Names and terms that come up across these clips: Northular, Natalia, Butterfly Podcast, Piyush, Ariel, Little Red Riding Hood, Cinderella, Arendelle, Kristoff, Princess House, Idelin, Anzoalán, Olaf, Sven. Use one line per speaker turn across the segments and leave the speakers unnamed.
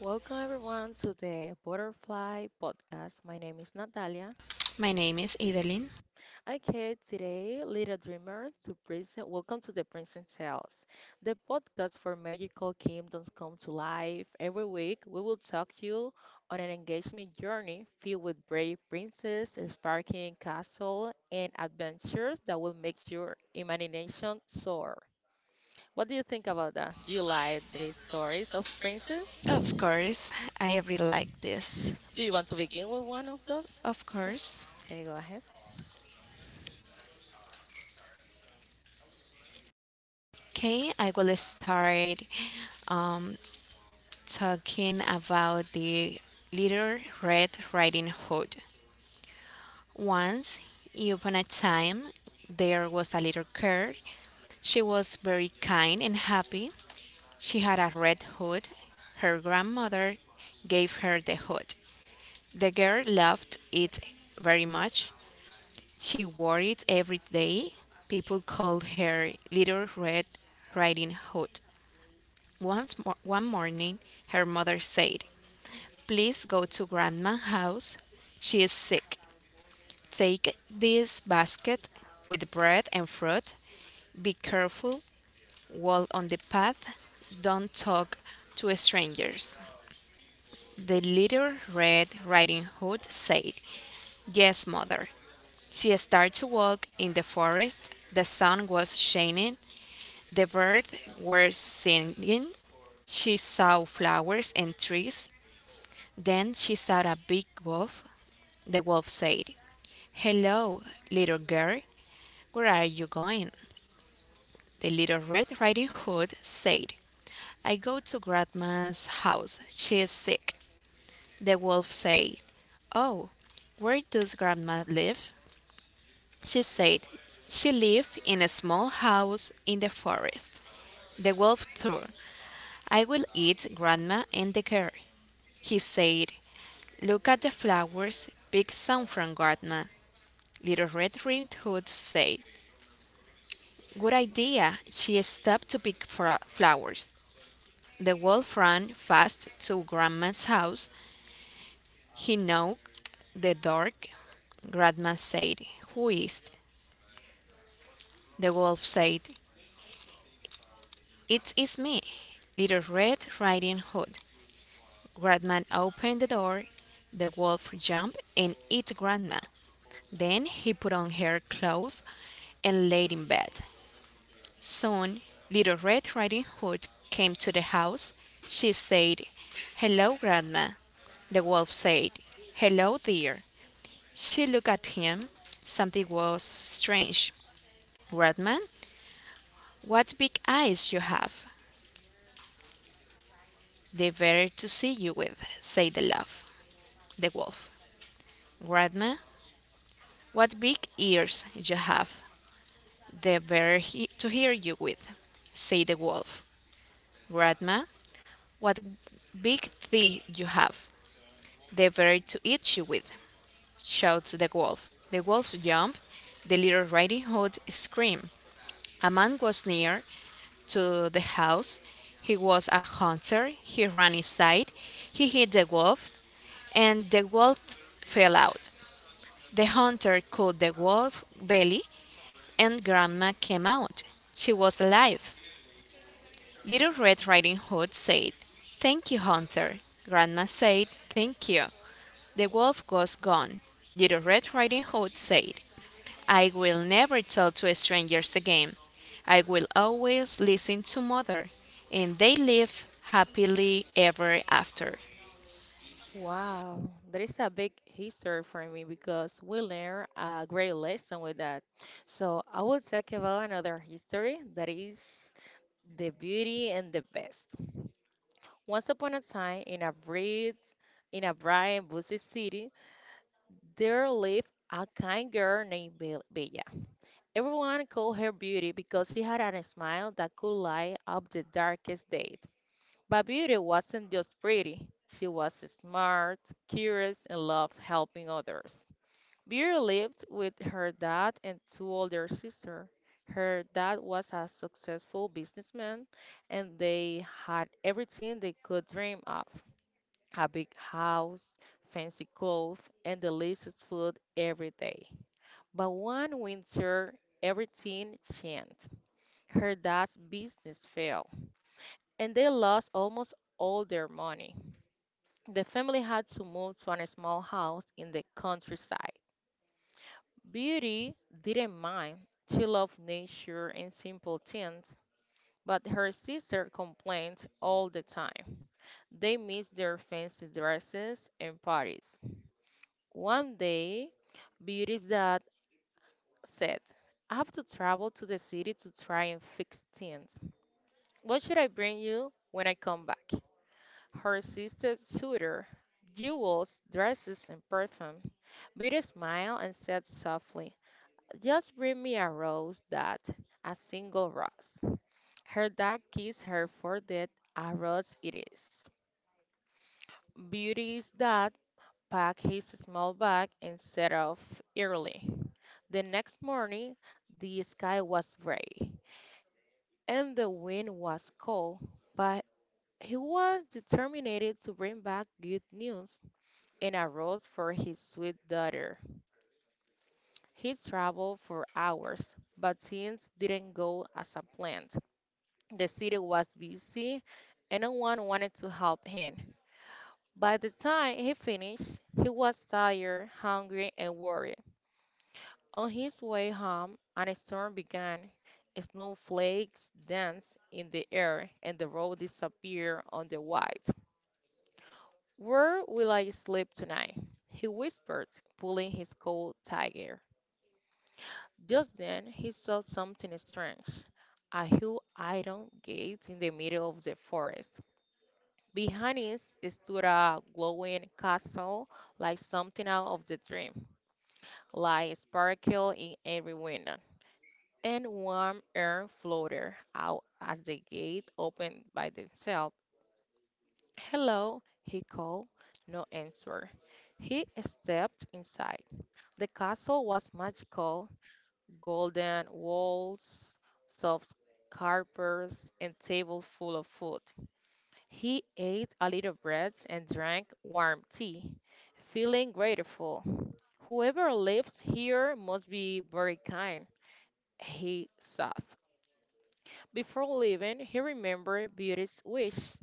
Welcome everyone to the Butterfly Podcast. My name is Natalia.
My name is Idelin.
I came today, Little Dreamers, to present Welcome to the Princess House, the podcast for magical kingdoms come to life. Every week, we will talk you on an engagement journey filled with brave princess, sparkling castle, and adventures that will make your imagination soar. What do you think about that? Do you like the stories of princess?
Of course, I really like this.
Do you want to begin with one of those?
Of
Sure.
course.
Okay, go ahead.
Okay, I will start um, talking about the Little Red Riding Hood. Once upon a time, there was a little girl. She was very kind and happy. She had a red hood. Her grandmother gave her the hood. The girl loved it very much. She wore it every day. People called her Little Red Riding Hood. One morning, her mother said, please go to Grandma's house. She is sick. Take this basket with bread and fruit. Be careful, walk on the path, don't talk to strangers. The little Red Riding Hood said, yes, mother. She started to walk in the forest. The sun was shining. The birds were singing. She saw flowers and trees. Then she saw a big wolf. The wolf said, hello, little girl. Where are you going? The little Red Riding Hood said, I go to Grandma's house. She is sick. The wolf said, oh, where does Grandma live? She said she lived in a small house in the forest. The wolf thought, I will eat grandma and the girl. He said, look at the flowers, pick some from grandma. Little Red Riding Hood said, good idea. She stopped to flowers. The wolf ran fast to grandma's house. He knocked the door. Grandma said, who is it? The wolf said, it is me, Little Red Riding Hood. Grandma opened the door. The wolf jumped and ate grandma. Then he put on her clothes and laid in bed. Soon Little Red Riding Hood came to the house. She said, hello, grandma. The wolf said, hello, dear. She looked at him. Something was strange. Grandma, what big eyes you have! They're better to see you with, said the wolf. Grandma, what big ears you have, the better to hear you with, said the wolf. Grandma, what big teeth you have, the better to eat you with, shouts the wolf. The wolf jumped, the little riding hood screamed. A man was near to the house. He was a hunter. He ran inside. He hit the wolf, and the wolf fell out. The hunter caught the wolf belly and Grandma came out. She was alive. Little Red Riding Hood said, thank you, Hunter. Grandma said, thank you. The wolf was gone. Little Red Riding Hood said, I will never talk to strangers again. I will always listen to mother. And they live happily ever after.
Wow, that is a big history for me because we learn a great lesson with that. So I will talk about another history that is the beauty and the best. Once upon a time, in a bright and busy city, there lived a kind girl named Bella. Everyone called her beauty because she had a smile that could light up the darkest day. But Beauty wasn't just pretty. She was smart, curious, and loved helping others. Beauty lived with her dad and two older sisters. Her dad was a successful businessman, and they had everything they could dream of: a big house, fancy clothes, and delicious food every day. But one winter, everything changed. Her dad's business failed, and they lost almost all their money. The family had to move to a small house in the countryside. Beauty didn't mind. She loved nature and simple things, but her sister complained all the time. They missed their fancy dresses and parties. One day, Beauty's dad said, I have to travel to the city to try and fix things. What should I bring you when I come back? Her sister showed her jewels, dresses, and perfume. Beauty smiled and said softly, just bring me a rose, that a single rose. Her dark kissed her forehead, a rose it is. Beauty's dad packed his small bag and set off early. The next morning, the sky was gray and the wind was cold, but he was determined to bring back good news and a rose for his sweet daughter. He traveled for hours, but things didn't go as a planned. The city was busy, and no one wanted to help him. By the time he finished, he was tired, hungry, and worried. On his way home, a storm began. Snowflakes danced in the air, and the road disappeared on the white. Where will I sleep tonight? He whispered, pulling his coat tight. Just then, he saw something strange. A huge iron gate in the middle of the forest. Behind it stood a glowing castle, like something out of the dream. Light sparkled in every window, and warm air floated out as the gate opened by itself. Hello, he called. No answer. He stepped inside. The castle was magical: golden walls, soft carpets, and table full of food. He ate a little bread and drank warm tea, feeling grateful. Whoever lives here must be very kind, he thought. Before leaving, he remembered Beauty's wish.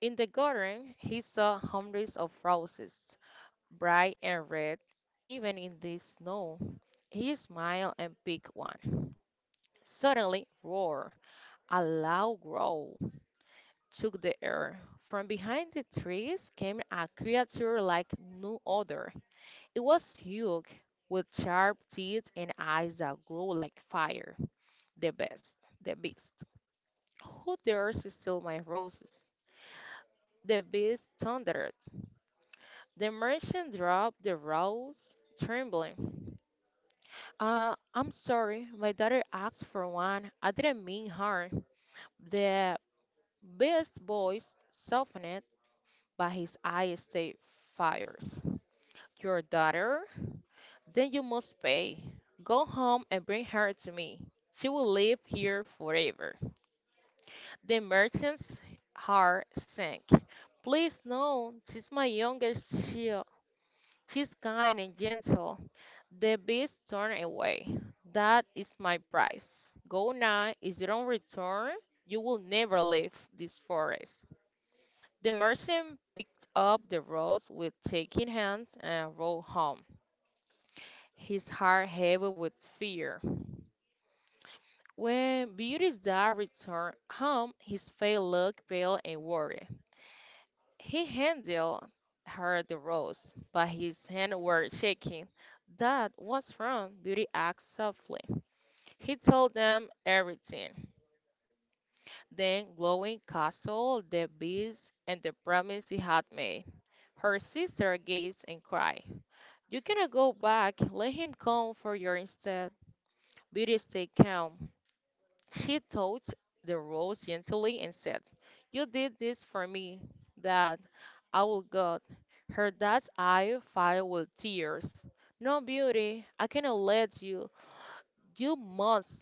In the garden, he saw hundreds of roses, bright and red, even in the snow. He smiled and picked one. Suddenly, roar! A loud growl took the air. From behind the trees came a creature like no other. It was huge, with sharp teeth and eyes that glow like fire. The beast. The beast. Who dares to steal my roses? The beast thundered. The merchant dropped the rose, trembling. I'm sorry, my daughter asked for one. I didn't mean harm. The beast's voice softened, but his eye stayed fires. Your daughter? Then you must pay. Go home and bring her to me. She will live here forever. The merchant's heart sank. Please, no, she's my youngest child. She's kind and gentle. The beast turned away. That is my price. Go now. If you don't return, you will never leave this forest. The merchant picked up the rods with shaking hands and rode home, his heart heavy with fear. When Beauty's dad returned home, his face looked pale and worried. He handed her the rose, but his hands were shaking. Dad, what's wrong? Beauty asked softly. He told them everything, then glowing castle, the beast, and the promise he had made. Her sister gazed and cried. You cannot go back. Let him come for you instead. Beauty stayed calm. She touched the rose gently and said, you did this for me, Dad. I will God. Her dad's eye filled with tears. No, Beauty, I cannot let you. You must,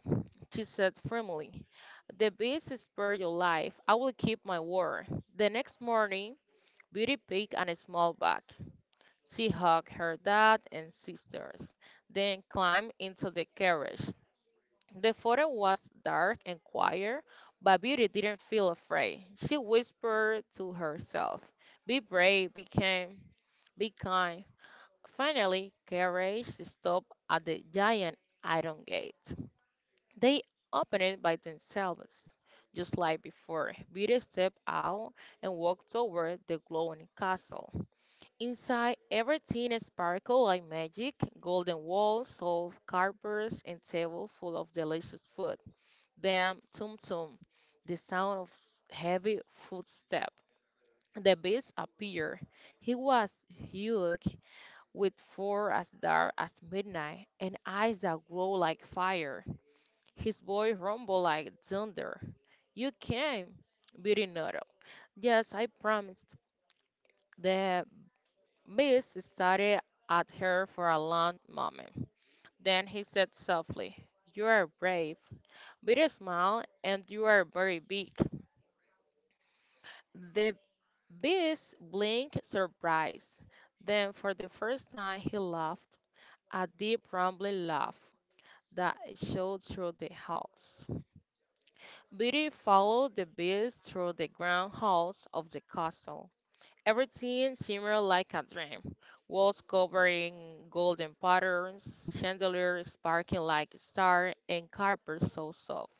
she said firmly. The beast spared your life. I will keep my word. The next morning, Beauty picked a small bag. She hugged her dad and sisters, then climbed into the carriage. The photo was dark and quiet, but Beauty didn't feel afraid. She whispered to herself, be brave, be kind, be kind. Finally, carriage stopped at the giant iron gate. They opened it by themselves, just like before. Beauty stepped out and walked toward the glowing castle. Inside, everything sparkled like magic. Golden walls, soft carpets, and table full of delicious food. Then, tum tum, the sound of heavy footsteps. The beast appeared. He was huge, with fur as dark as midnight and eyes that glow like fire. His voice rumbled like thunder. You came, Beauty nodded. Yes, I promised. The Biss stared at her for a long moment. Then he said softly, you are brave, very small, and you are very big. The beast blinked, surprised. Then, for the first time, he laughed, a deep, rumbling laugh that showed through the house. Beauty followed the beast through the grand halls of the castle. Everything shimmered like a dream. Walls covering golden patterns, chandeliers sparkling like stars, and carpets so soft.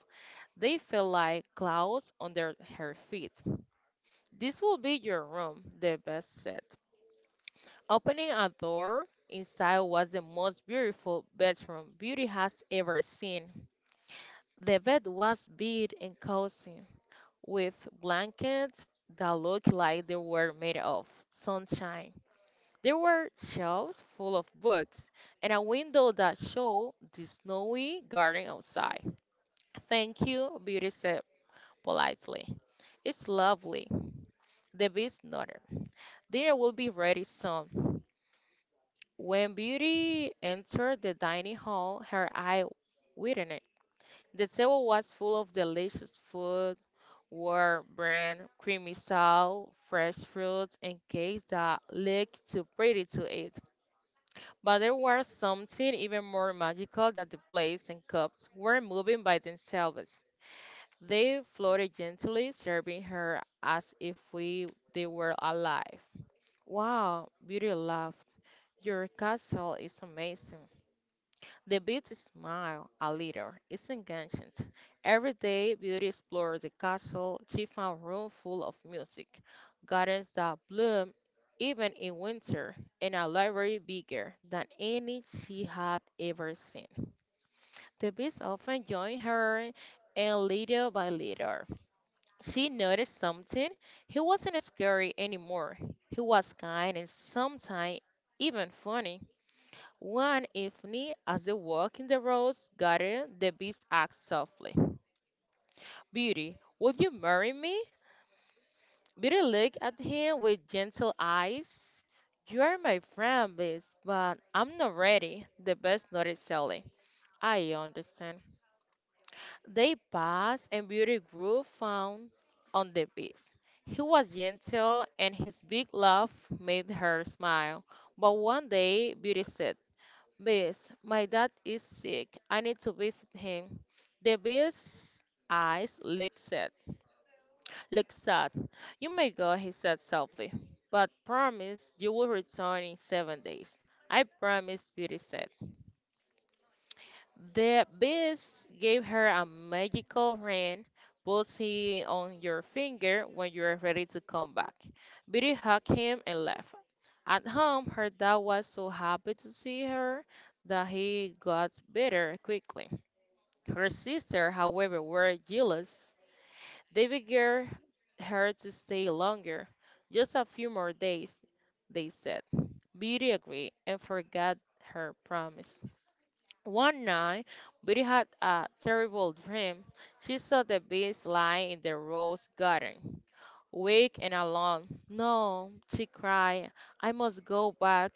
They felt like clouds under her feet. This will be your room, the best said. Opening a door, inside was the most beautiful bedroom Beauty has ever seen. The bed was big and cozy, with blankets that looked like they were made of sunshine. There were shelves full of books and a window that showed the snowy garden outside. Thank you, Beauty said politely. It's lovely. The beast nodded. Dinner will be ready soon. When Beauty entered the dining hall, her eye widened. The table was full of delicious food: warm bran, creamy salad, fresh fruits, and cakes that looked too pretty to eat. But there was something even more magical: that the plates and cups were moving by themselves. They floated gently, serving her as if we they were alive. Wow, Beauty laughed. Your castle is amazing. The beauty smiled a little, it's engaging. Every day, Beauty explored the castle. She found room full of music, gardens that bloom even in winter, and a library bigger than any she had ever seen. The bees often joined her, and little by little, she noticed something. He wasn't scary anymore. He was kind and sometimes even funny. One evening, as they walked in the rose garden, the beast asked softly, Beauty, would you marry me? Beauty looked at him with gentle eyes. You are my friend, beast, but I'm not ready, the beast nodded sadly. I understand. They passed, and Beauty grew fond on the beast. He was gentle, and his big laugh made her smile. But one day, Beauty said, Bess, my dad is sick. I need to visit him. The Bill's eyes looked sad. Looked sad. You may go, he said softly, but promise you will return in 7 days. I promise, Beauty said. The Beast gave her a magical ring, puts it on your finger when you are ready to come back. Beauty hugged him and left. At home, her dad was so happy to see her that he got better quickly. Her sister, however, were jealous. They begged her to stay longer, just a few more days, they said. Beauty agreed and forgot her promise. One night, Beauty had a terrible dream. She saw the beast lying in the rose garden, weak and alone. No, she cried, I must go back.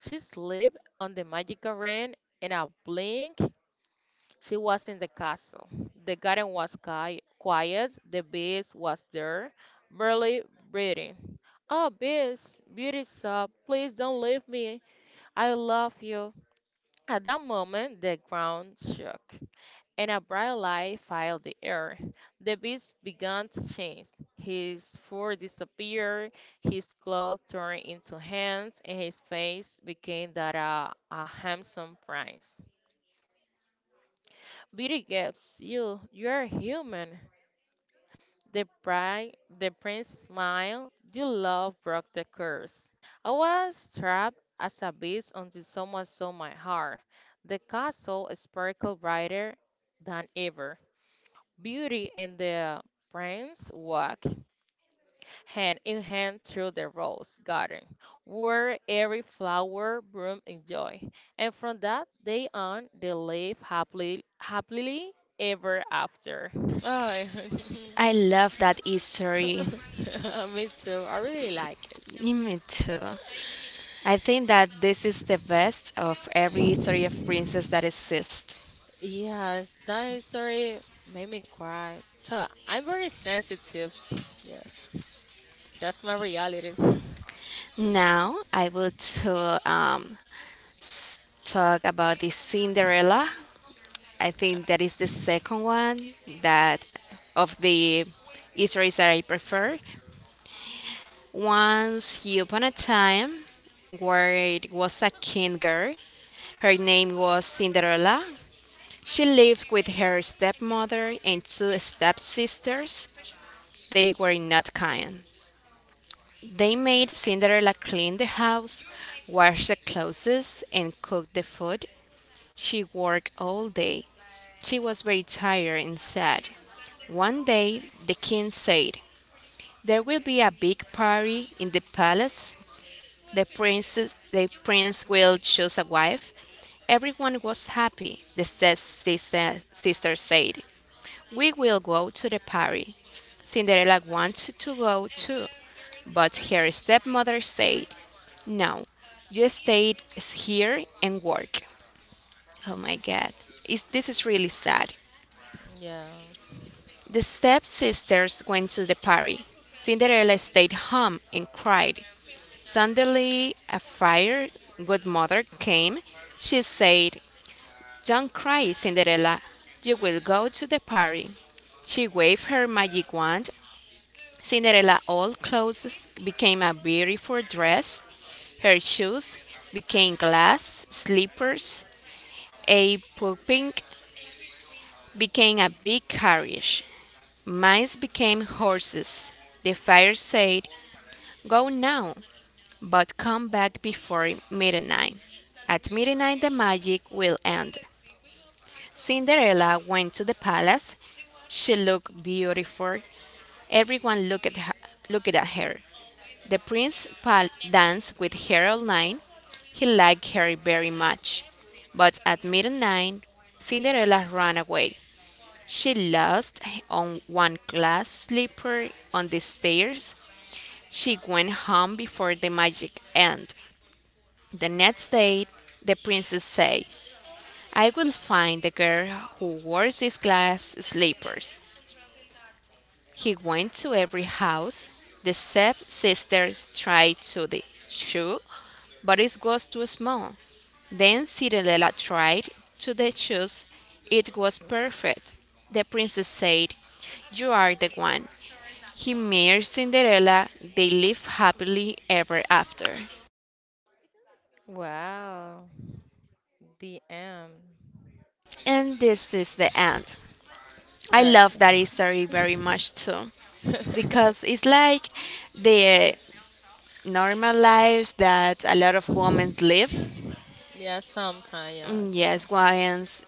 She slipped on the magical ring in a blink. She was in the castle. The garden was quiet. The beast was there, barely breathing. Oh, beast, beauty sobbed, please don't leave me. I love you. At that moment, the ground shook, and a bright light filled the air. The beast began to change. His fur disappeared, his clothes turned into hands, and his face became that of a handsome prince. Beauty gasped, you, you're human. The bride, the prince smiled. You love broke the curse. I was trapped as a beast until someone saw my heart. The castle sparkled brighter than ever. Beauty and the prince walked hand in hand through the rose garden, where every flower bloomed in joy. And from that day on, they lived happily ever after. Ay.
I love that history.
Me too. I really like it.
Me too. I think that this is the best of every story of princess that exists.
Yes, that story made me cry. So I'm very sensitive. Yes, that's my reality.
Now I will to, talk about the Cinderella. I think that is the second one that of the stories that I prefer. Once upon a time, where it was a king girl, her name was Cinderella. She lived with her stepmother and two stepsisters. They were not kind. They made Cinderella clean the house, wash the clothes, and cook the food. She worked all day. She was very tired and sad. One day the king said, there will be a big party in the palace. The prince will choose a wife. Everyone was happy. The sister said, we will go to the party. Cinderella wanted to go too, but her stepmother said, no, you stay here and work. Oh my god. This is really sad.
Yes.
The stepsisters went to the party. Cinderella stayed home and cried. Suddenly, a fire good mother came. She said, don't cry, Cinderella. You will go to the party. She waved her magic wand. Cinderella all clothes became a beautiful dress. Her shoes became glass slippers. A pooping became a big carriage. Mice became horses. The fire said, go now, but come back before midnight. At midnight, the magic will end. Cinderella went to the palace. She looked beautiful. Everyone looked at her. The danced with her all night. He liked her very much. But at midnight, Cinderella ran away. She lost on one glass slipper on the stairs. She went home before the magic end. The next day, the princess said, I will find the girl who wears these glass slippers. He went to every house. The step sisters tried to the shoe, but it was too small. Then Cinderella tried to the shoes. It was perfect. The princess said, you are the one. He marries Cinderella, they live happily ever after.
Wow. The end.
And this is the end. I love
Okay.
that story very much too, because it's like the normal life that a lot of women live.
Yes, sometimes.
Mm,
Yes, yes,
yes,
yes,
Wyans,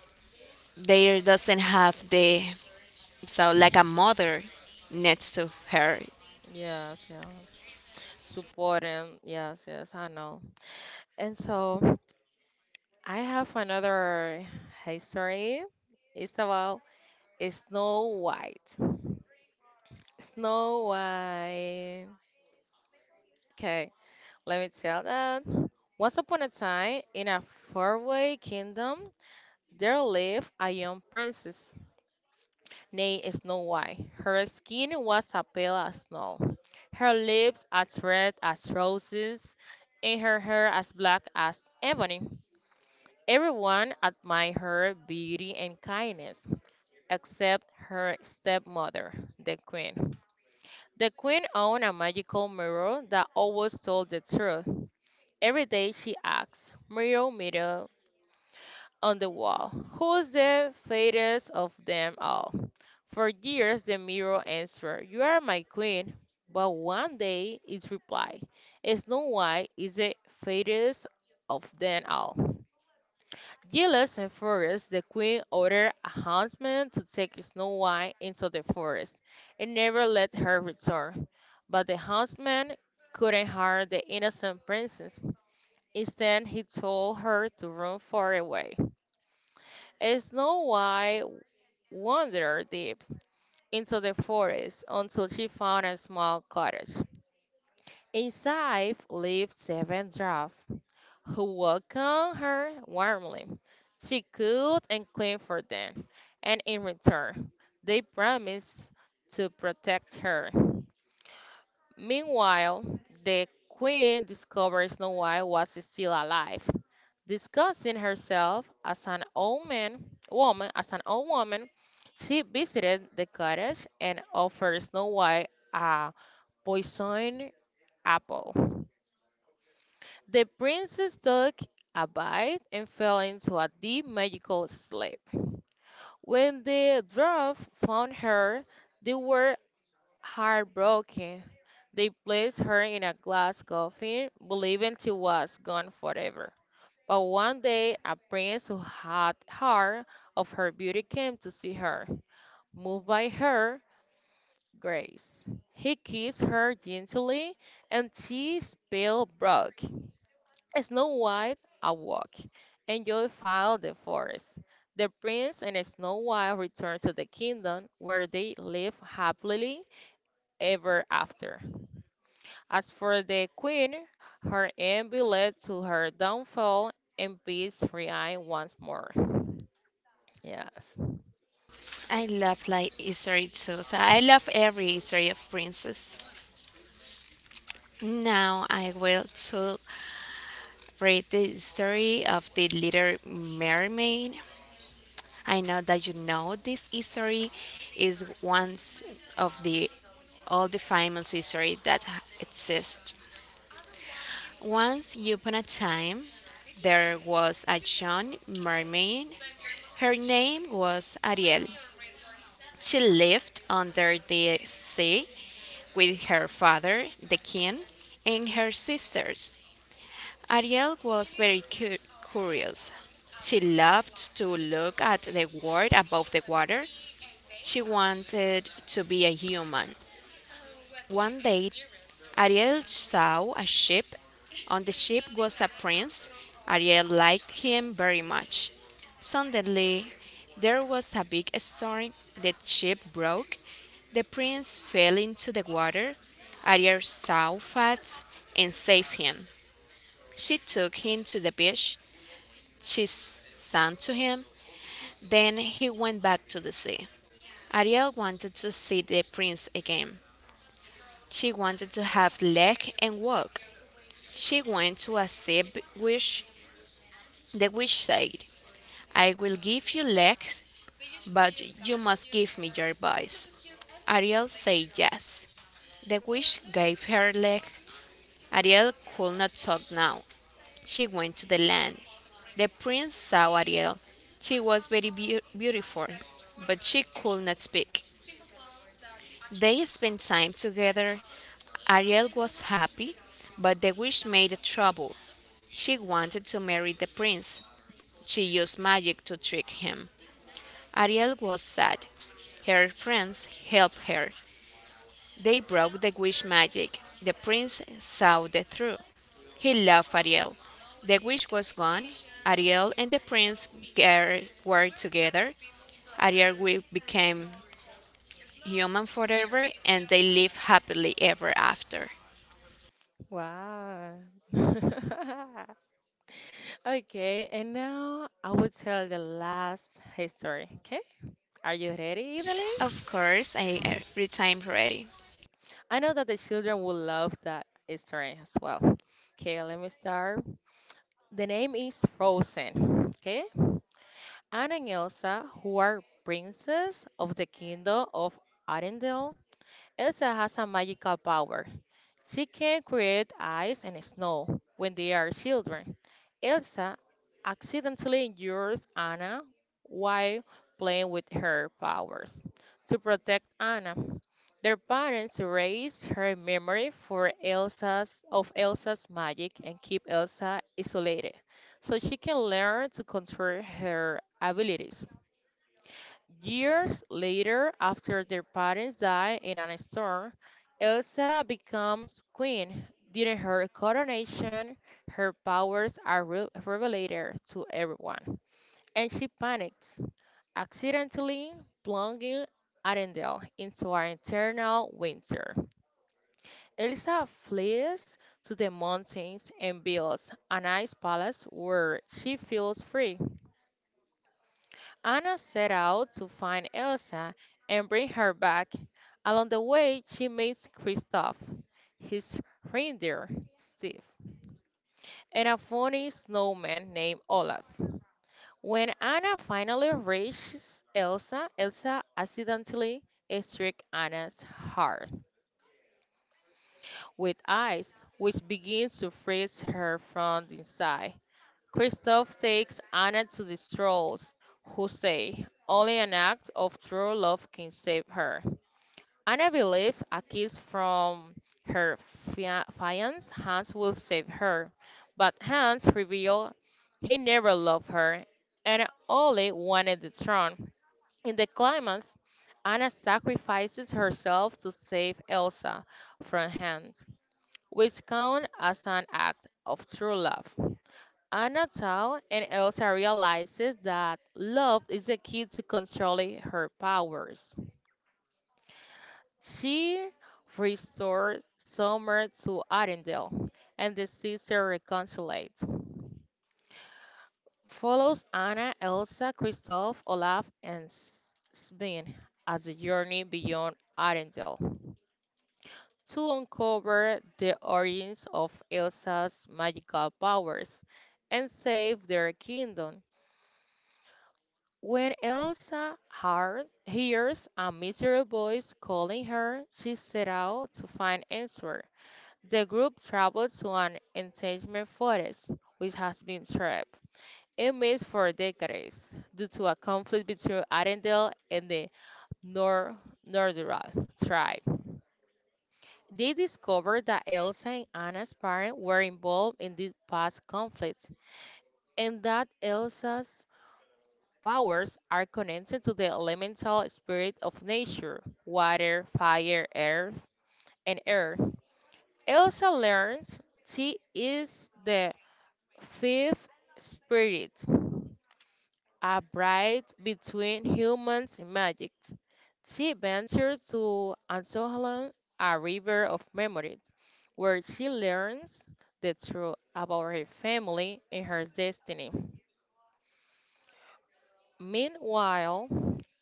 there doesn't have the so like a mother next to her.
yes. Yes. Supporting. Yes, yes, I know. And so I have another history. It's about Snow White. Snow White. Okay, let me tell that. Once upon a time, in a faraway kingdom, there lived a young princess named Snow White. Her skin was as pale as snow, her lips as red as roses, and her hair as black as ebony. Everyone admired her beauty and kindness, except her stepmother, the queen. The queen owned a magical mirror that always told the truth. Every day she asked, "Mirror, mirror on the wall, who's the fairest of them all?" For years the mirror answered, "You are my queen." But one day it replied, "Snow White is the fairest of them all." Jealous and furious, the queen ordered a huntsman to take Snow White into the forest and never let her return. But the huntsman couldn't harm the innocent princess. Instead, he told her to run far away. Snow White wandered deep into the forest until she found a small cottage. Inside lived seven dwarfs who welcomed her warmly. She cooked and cleaned for them, and in return, they promised to protect her. Meanwhile, the queen discovered Snow White was still alive. Disguising herself as an old woman, as an old woman, she visited the cottage and offered Snow White a poisoned apple. The princess took a bite and fell into a deep magical sleep. When the dwarf found her, they were heartbroken. They placed her in a glass coffin, believing she was gone forever. But one day, a prince who had heard of her beauty came to see her, moved by her grace. He kissed her gently, and she spell broke. Snow White awoke, and joy filled the forest. The prince and Snow White returned to the kingdom where they lived happily ever after. As for the queen, her envy led to her downfall, and peace reigned once more. Yes.
I love like history too. So I love every history of princess. Now I will to read the story of the little mermaid. I know that you know this history is one of the all the famous history that exist. Once upon a time, there was a young mermaid. Her name was Ariel. She lived under the sea with her father, the king, and her sisters. Ariel was curious. She loved to look at the world above the water. She wanted to be a human. One day, Ariel saw a ship. On the ship was a prince. Ariel liked him very much. Suddenly, there was a big storm. The ship broke. The prince fell into the water. Ariel saw Fats and saved him. She took him to the beach. Sang to him. Then he went back to the sea. Ariel wanted to see the prince again. She wanted to have leg and walk. She went to a sea witch. The witch said, I will give you legs, but you must give me your voice. Ariel said yes. The witch gave her legs. Ariel could not talk now. She went to the land. The prince saw Ariel. She was very beautiful, but she could not speak. They spent time together. Ariel was happy, but the wish made trouble. She wanted to marry the prince. She used magic to trick him. Ariel was sad. Her friends helped her. They broke the wish magic. The prince saw the truth. He loved Ariel. The wish was gone. Ariel and the prince were together. Ariel became human forever and they lived happily ever after.
Wow. Okay, and now I will tell the last history. Okay, are you ready, Italy?
Of course, I every time ready.
I know that the children will love that story as well. Okay, let me start. The name is Frozen. Okay, Anna and Elsa, who are princes of the kingdom of Arendelle, Elsa has a magical power. She can create ice and snow when they are children. Elsa accidentally injures Anna while playing with her powers. To protect Anna, their parents erase her memory for Elsa's of Elsa's magic and keep Elsa isolated so she can learn to control her abilities. Years later, after their parents die in a storm, Elsa becomes queen. During her coronation, her powers are revealed to everyone, and she panics, accidentally plunging Arendelle into an eternal winter. Elsa flees to the mountains and builds an ice palace where she feels free. Anna set out to find Elsa and bring her back. Along the way, she meets Kristoff, his reindeer, Steve, and a funny snowman named Olaf. When Anna finally reaches Elsa, Elsa accidentally strikes Anna's heart with ice, which begins to freeze her from the inside. Kristoff takes Anna to the trolls, who say only an act of true love can save her. Anna believes a kiss from her fiance Hans will save her, but Hans reveals he never loved her and only wanted the throne. In the climax, Anna sacrifices herself to save Elsa from Hans, which counts as an act of true love. Anna Tao and Elsa realizes that love is the key to controlling her powers. She restored Summer to Arendelle, and the sisters reconciled. Follows Anna, Elsa, Kristoff, Olaf, and Sven as they journey beyond Arendelle to uncover the origins of Elsa's magical powers and save their kingdom. When Elsa hears a mysterious voice calling her, she set out to find answer. The group traveled to an entangled forest, which has been trapped in mist for decades due to a conflict between Arendelle and the Nor Nordra tribe. They discovered that Elsa and Anna's parents were involved in this past conflict, and that Elsa's powers are connected to the elemental spirit of nature water, fire, earth, and air. Elsa learns she is the fifth spirit, a bride between humans and magic. She ventures to Anzoalán, a river of memory, where she learns the truth about her family and her destiny. Meanwhile,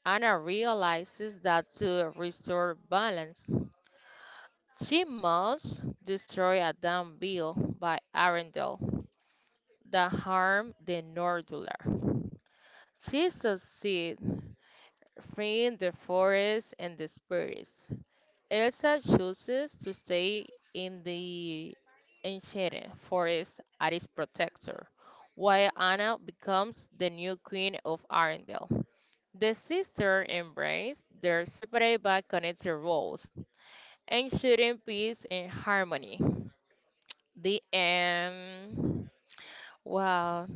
Anna realizes that to restore balance, she must destroy a dam built by Arendelle that harmed the Northular. She succeeds freeing the forest and the spirits. Elsa chooses to stay in the enchanted forest as its protector, while Anna becomes the new queen of Arendelle. The sisters embrace their separate but connected roles, ensuring peace and harmony. The end. Wow,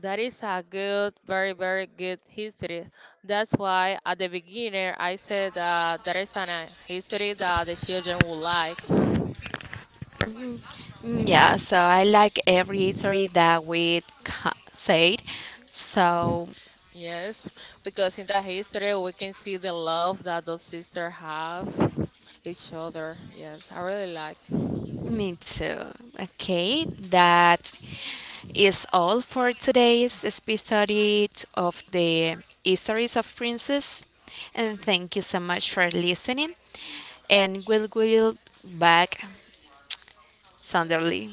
that is a good, very, very good history. That's why at the beginning I said that there is an history that the children would like.
Mm, yeah, so I like every story that we said. So
Yes, because in that history we can see the love that those sisters have each other. Yes, I really like.
me too. Okay, that is all for today's speed study of the histories of princes. And thank you so much for listening. And we'll back Sunderly.